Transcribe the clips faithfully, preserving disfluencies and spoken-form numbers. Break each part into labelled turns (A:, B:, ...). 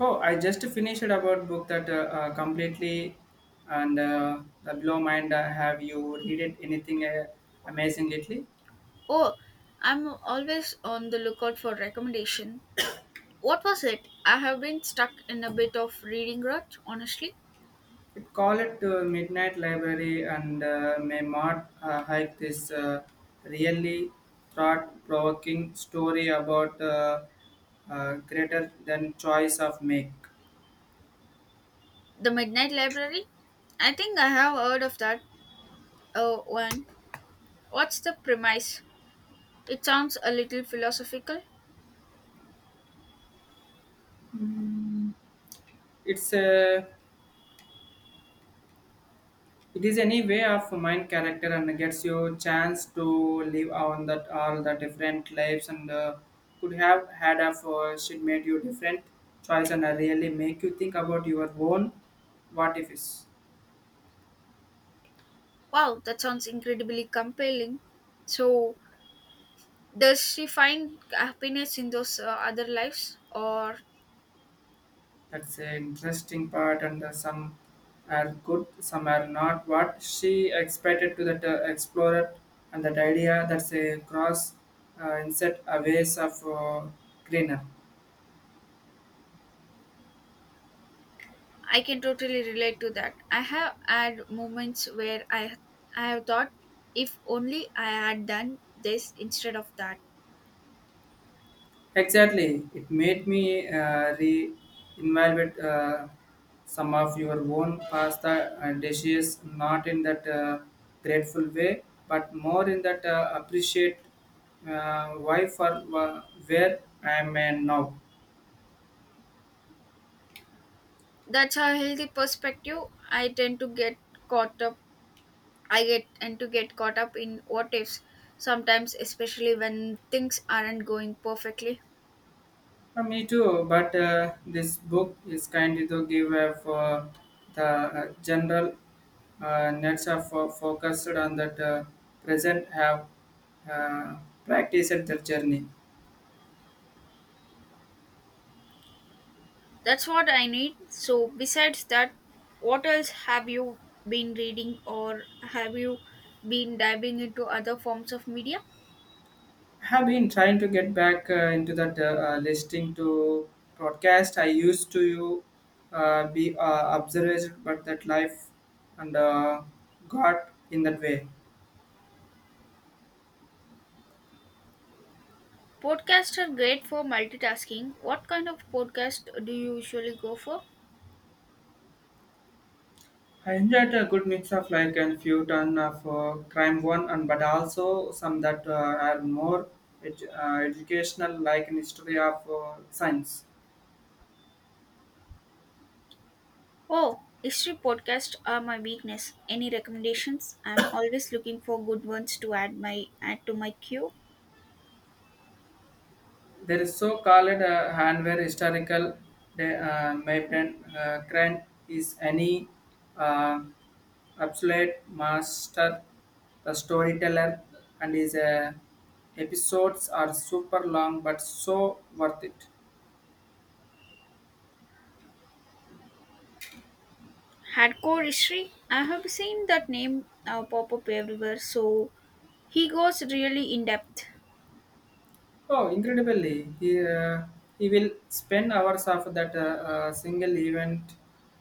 A: Oh, I just finished about book that uh, uh, completely and uh, the blow mind. Uh, have you read it anything uh, amazing lately?
B: Oh, I'm always on the lookout for recommendation. What was it? I have been stuck in a bit of reading rut, honestly.
A: It call it uh, Midnight Library and uh, may uh, hike this uh, really thought-provoking story about uh, uh, greater than choice of make.
B: The Midnight Library? I think I have heard of that uh, one. What's the premise? It sounds a little philosophical.
A: It's a It is any way of mind character and gets you chance to live on that all the different lives and uh, could have had of uh, should made you different choice and uh, really make you think about your own what if is.
B: Wow, that sounds incredibly compelling. So, does she find happiness in those uh, other lives, or
A: That's an interesting part and uh, some are good, some are not. What she expected to that uh, explorer and that idea that's a cross uh, inset a ways of uh, greener.
B: I can totally relate to that. I have had moments where I I have thought if only I had done this instead of that.
A: Exactly. It made me uh, re-evaluate uh, some of your own pasta uh, dishes, not in that uh, grateful way, but more in that uh, appreciate uh, why for wha- where I am at now.
B: That's a healthy perspective. I tend to get caught up I get tend to get caught up in what ifs sometimes especially when things aren't going perfectly.
A: Uh, me too, but uh, this book is kind to give uh, for the uh, general uh, nets are fo- focused on that uh, present have uh, practiced their journey.
B: That's what I need. So besides that, what else have you been reading or have you been diving into other forms of media?
A: Have been trying to get back uh, into that uh, uh, listening to broadcast. I used to uh, be uh, observed, but that life and uh, got in that way.
B: Podcasts are great for multitasking. What kind of podcast do you usually go for?
A: I enjoyed a good mix of like and few ton of uh, crime one, and but also some that uh, are more edu- uh, educational, like in history of uh, science.
B: Oh, history podcasts are my weakness. Any recommendations? I'm always looking for good ones to add my add to my queue.
A: There is so called uh, hardware historical de- uh, mapping uh, grant is any uh, absolute master, the storyteller, and his uh, episodes are super long but so worth it.
B: Hardcore history. I have seen that name uh, pop up everywhere. So he goes really in depth.
A: Oh, incredibly, he uh, he will spend hours of that uh, uh, single event,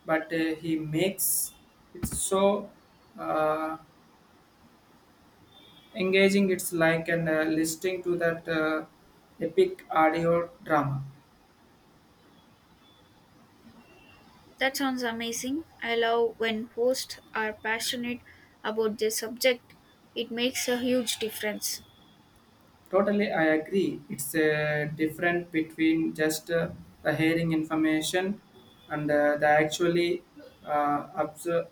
A: but uh, he makes it so. Uh, Engaging it's like an uh, listening to that uh, epic audio drama.
B: That sounds amazing. I love when hosts are passionate about their subject. It makes a huge difference.
A: Totally, I agree. It's uh, different between just uh, the hearing information and uh, the actually uh, obser-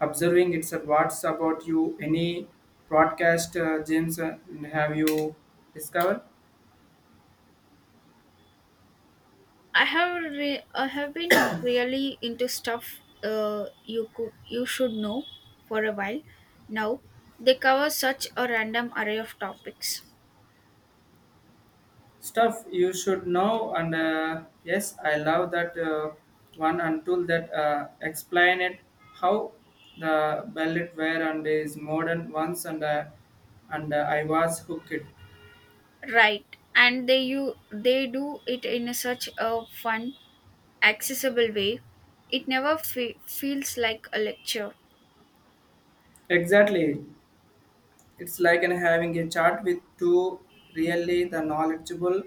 A: observing it's uh, what's about you any broadcast uh, gyms uh, have you discovered.
B: I have re- I have been really into stuff uh, you could you should know for a while now. They cover such a random array of topics,
A: Stuff you should know and uh, yes, I love that uh, one until that uh, explain it how the ballet were and is modern ones and uh, and uh, I was hooked.
B: right? And they you they do it in a such a fun, accessible way. It never fe- feels like a lecture.
A: Exactly, it's like in having a chat with two really the knowledgeable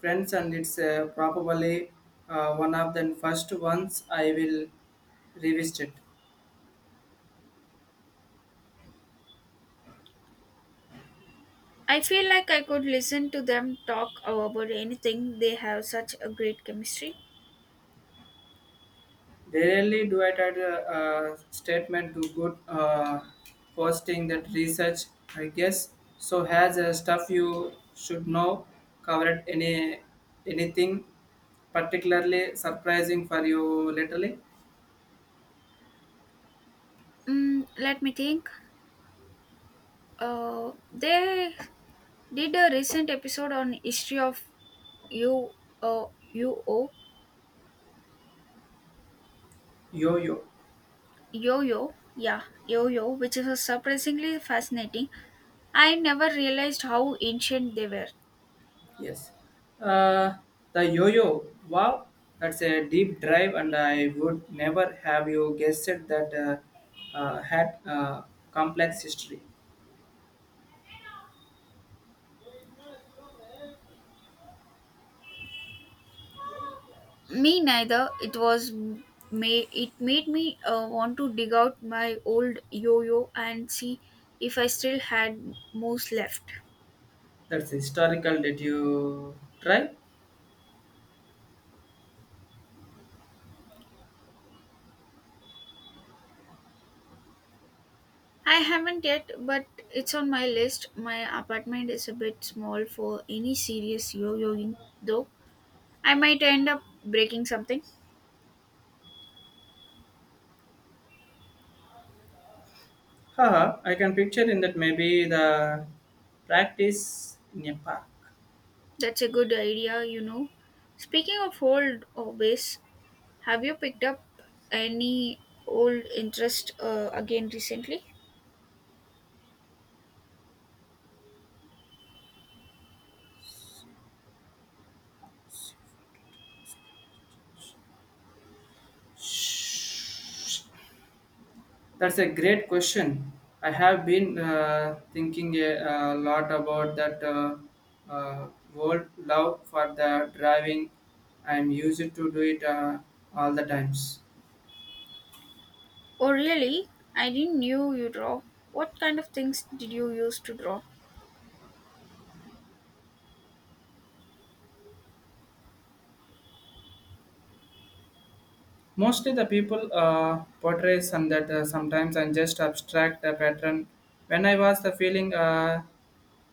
A: friends, and it's uh, probably uh, one of the first ones I will revisit.
B: I feel like I could listen to them talk about anything. They have such a great chemistry.
A: Rarely do I try to uh, statement to good uh, posting that research. I guess so. Has uh, stuff you should know covered any anything particularly surprising for you lately.
B: Mm, let me think. Uh, they Did a recent episode on history of yo uh, yo
A: Yo-yo,
B: yo yo, yeah, yo yo, which is surprisingly fascinating. I never realized how ancient they were.
A: yes. Uh, the yo-yo. Wow, that's a deep drive, and I would never have you guessed it that uh, uh, had uh, complex history.
B: Me neither. It was may it made me uh, want to dig out my old yo yo and see if I still had moves left.
A: That's historical. Did you try?
B: I haven't yet, but it's on my list. My apartment is a bit small for any serious yo yoing though. I might end up breaking something.
A: Haha, I can picture in that maybe the practice in a park.
B: That's a good idea, you know. Speaking of old hobbies, have you picked up any old interest uh, again recently?
A: That's a great question. I have been uh, thinking a, a lot about that uh, uh, whole love for the driving. I'm used to do it uh, all the times.
B: Oh, really? I didn't knew you draw. What kind of things did you used to draw?
A: Mostly the people uh, portray some that uh, sometimes and just abstract the pattern. When I was the feeling uh,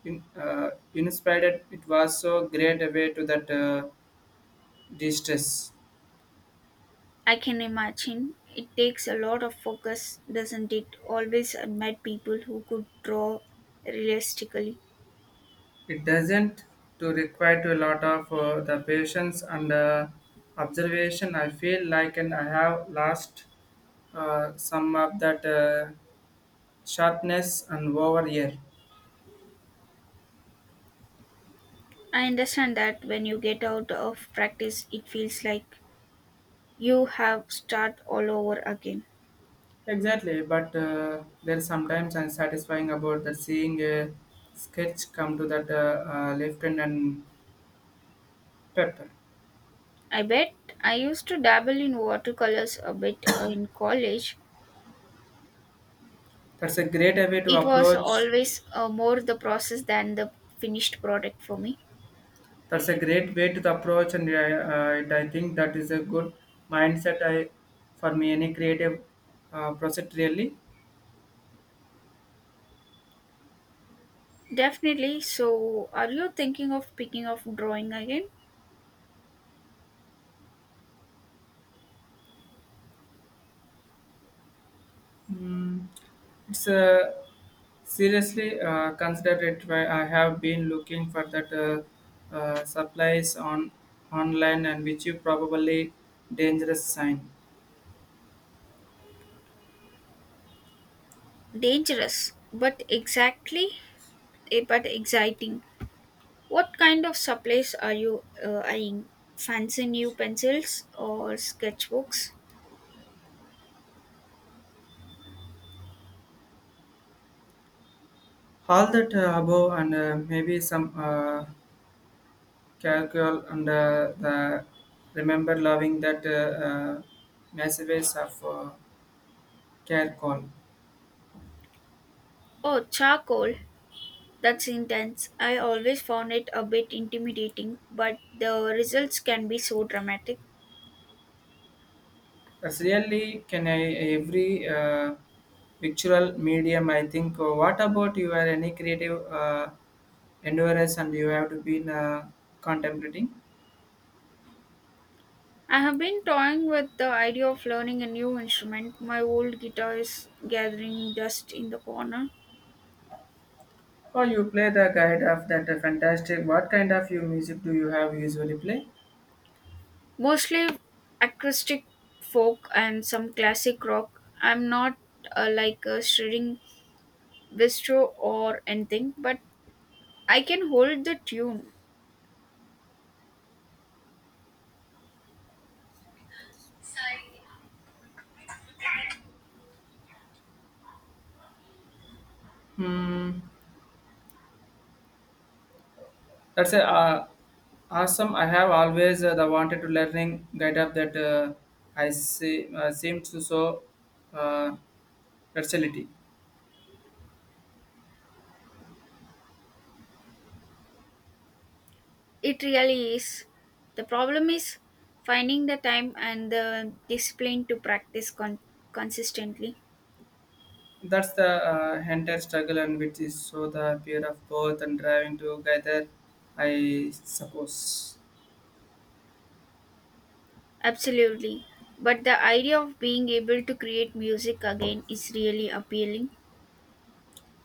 A: in, uh, inspired, it was so great a way to that. Uh, distress.
B: I can imagine it takes a lot of focus, doesn't it? Always admired people who could draw realistically.
A: It doesn't to require to a lot of uh, the patience and uh, observation. I feel like and I have lost uh, some of that uh, sharpness and over here.
B: I understand that when you get out of practice, it feels like you have start all over again.
A: Exactly, but uh, there's sometimes unsatisfying about the seeing a sketch come to that uh, uh, left hand and pepper.
B: I bet I used to dabble in watercolors a bit uh, in college.
A: That's a great way to
B: It was
A: approach.
B: always uh, more the process than the finished product for me.
A: That's a great way to the approach, and I, uh, it- I think that is a good mindset. I for me any creative uh, project really.
B: Definitely. So, are you thinking of picking up drawing again?
A: Mm, it's uh, seriously uh, considered it. Why I have been looking for that uh, uh, supplies on online and which you probably dangerous sign.
B: Dangerous, but exactly, eh, but exciting. What kind of supplies are you uh, eyeing? Fancy new pencils or sketchbooks?
A: All that uh, above and uh, maybe some uh, calcul and uh, the remember loving that uh, uh, messages of uh, Care call.
B: Oh, charcoal. That's intense. I always found it a bit intimidating, but the results can be so dramatic.
A: That's really can I every uh, virtual medium, I think. Uh, what about you? Are any creative uh, endeavors and you have to be uh, contemplating?
B: I have been toying with the idea of learning a new instrument. My old guitar is gathering dust in the corner.
A: Or you play the guide of that uh, fantastic. What kind of you music do you have usually play?
B: Mostly acoustic folk and some classic rock. I'm not uh, like a shredding bistro or anything, but I can hold the tune.
A: Hmm. That's a uh, awesome. I have always uh, the wanted to learning guide up that uh, I see, uh, seem to so uh, versatility.
B: It really is. The problem is finding the time and the discipline to practice con- consistently.
A: That's the uh, entire struggle, and which is so the appeal of both and driving together, I suppose.
B: Absolutely. But the idea of being able to create music again is really appealing.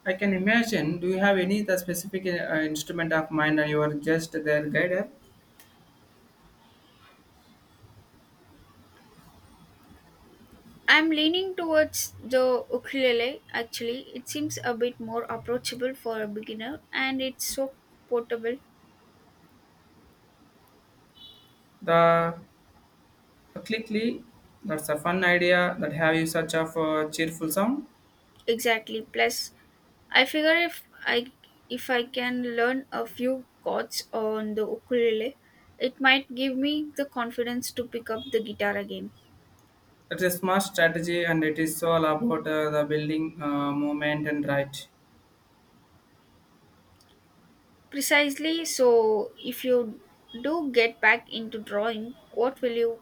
A: I can imagine. Do you have any the specific uh, instrument of mind, and you are just their guider?
B: I'm leaning towards the ukulele actually. It seems a bit more approachable for a beginner and it's so portable.
A: The clickly. That's a fun idea. That have you such of a cheerful sound.
B: Exactly. Plus, I figure if I if I can learn a few chords on the ukulele, it might give me the confidence to pick up the guitar again.
A: That's a smart strategy, and it is all about uh, the building uh, moment and right.
B: Precisely. So, if you do get back into drawing, what will you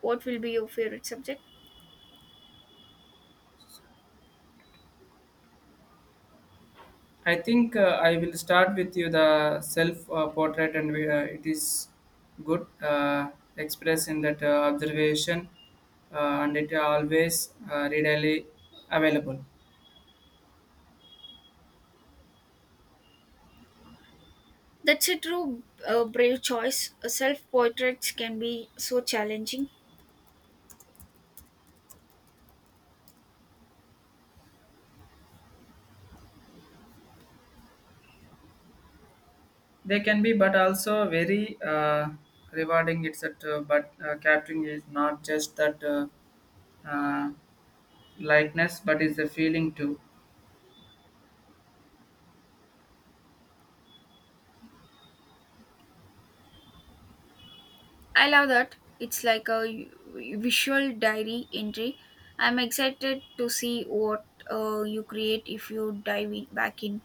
B: what will be your favorite subject?
A: I think uh, I will start with you the self uh, portrait, and we, uh, it is good uh, express in that uh, observation, uh, and it always uh, readily available.
B: That's a true uh, brave choice. Self portraits can be so challenging.
A: They can be, but also very uh, rewarding. It's that, uh, but uh, capturing is not just that uh, uh, likeness, but is the feeling too.
B: I love that. It's like a visual diary entry. I'm excited to see what uh, you create if you dive in- back in.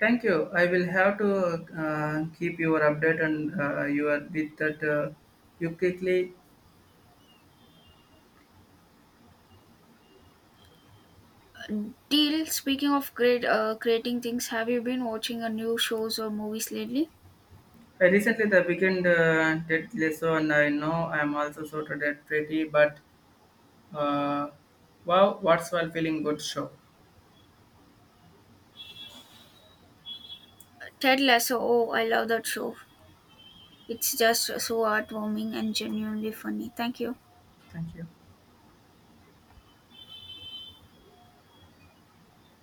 A: Thank you. I will have to uh, keep your update and uh, you with that. Uh, you quickly.
B: Deal, speaking of great uh, creating things, have you been watching a new shows or movies lately?
A: I recently the weekend uh, did Leso and I know I'm also sort of dead pretty but uh, wow, what's well feeling good show.
B: Ted Lasso. Oh, I love that show. It's just so heartwarming and genuinely funny. Thank you.
A: Thank you.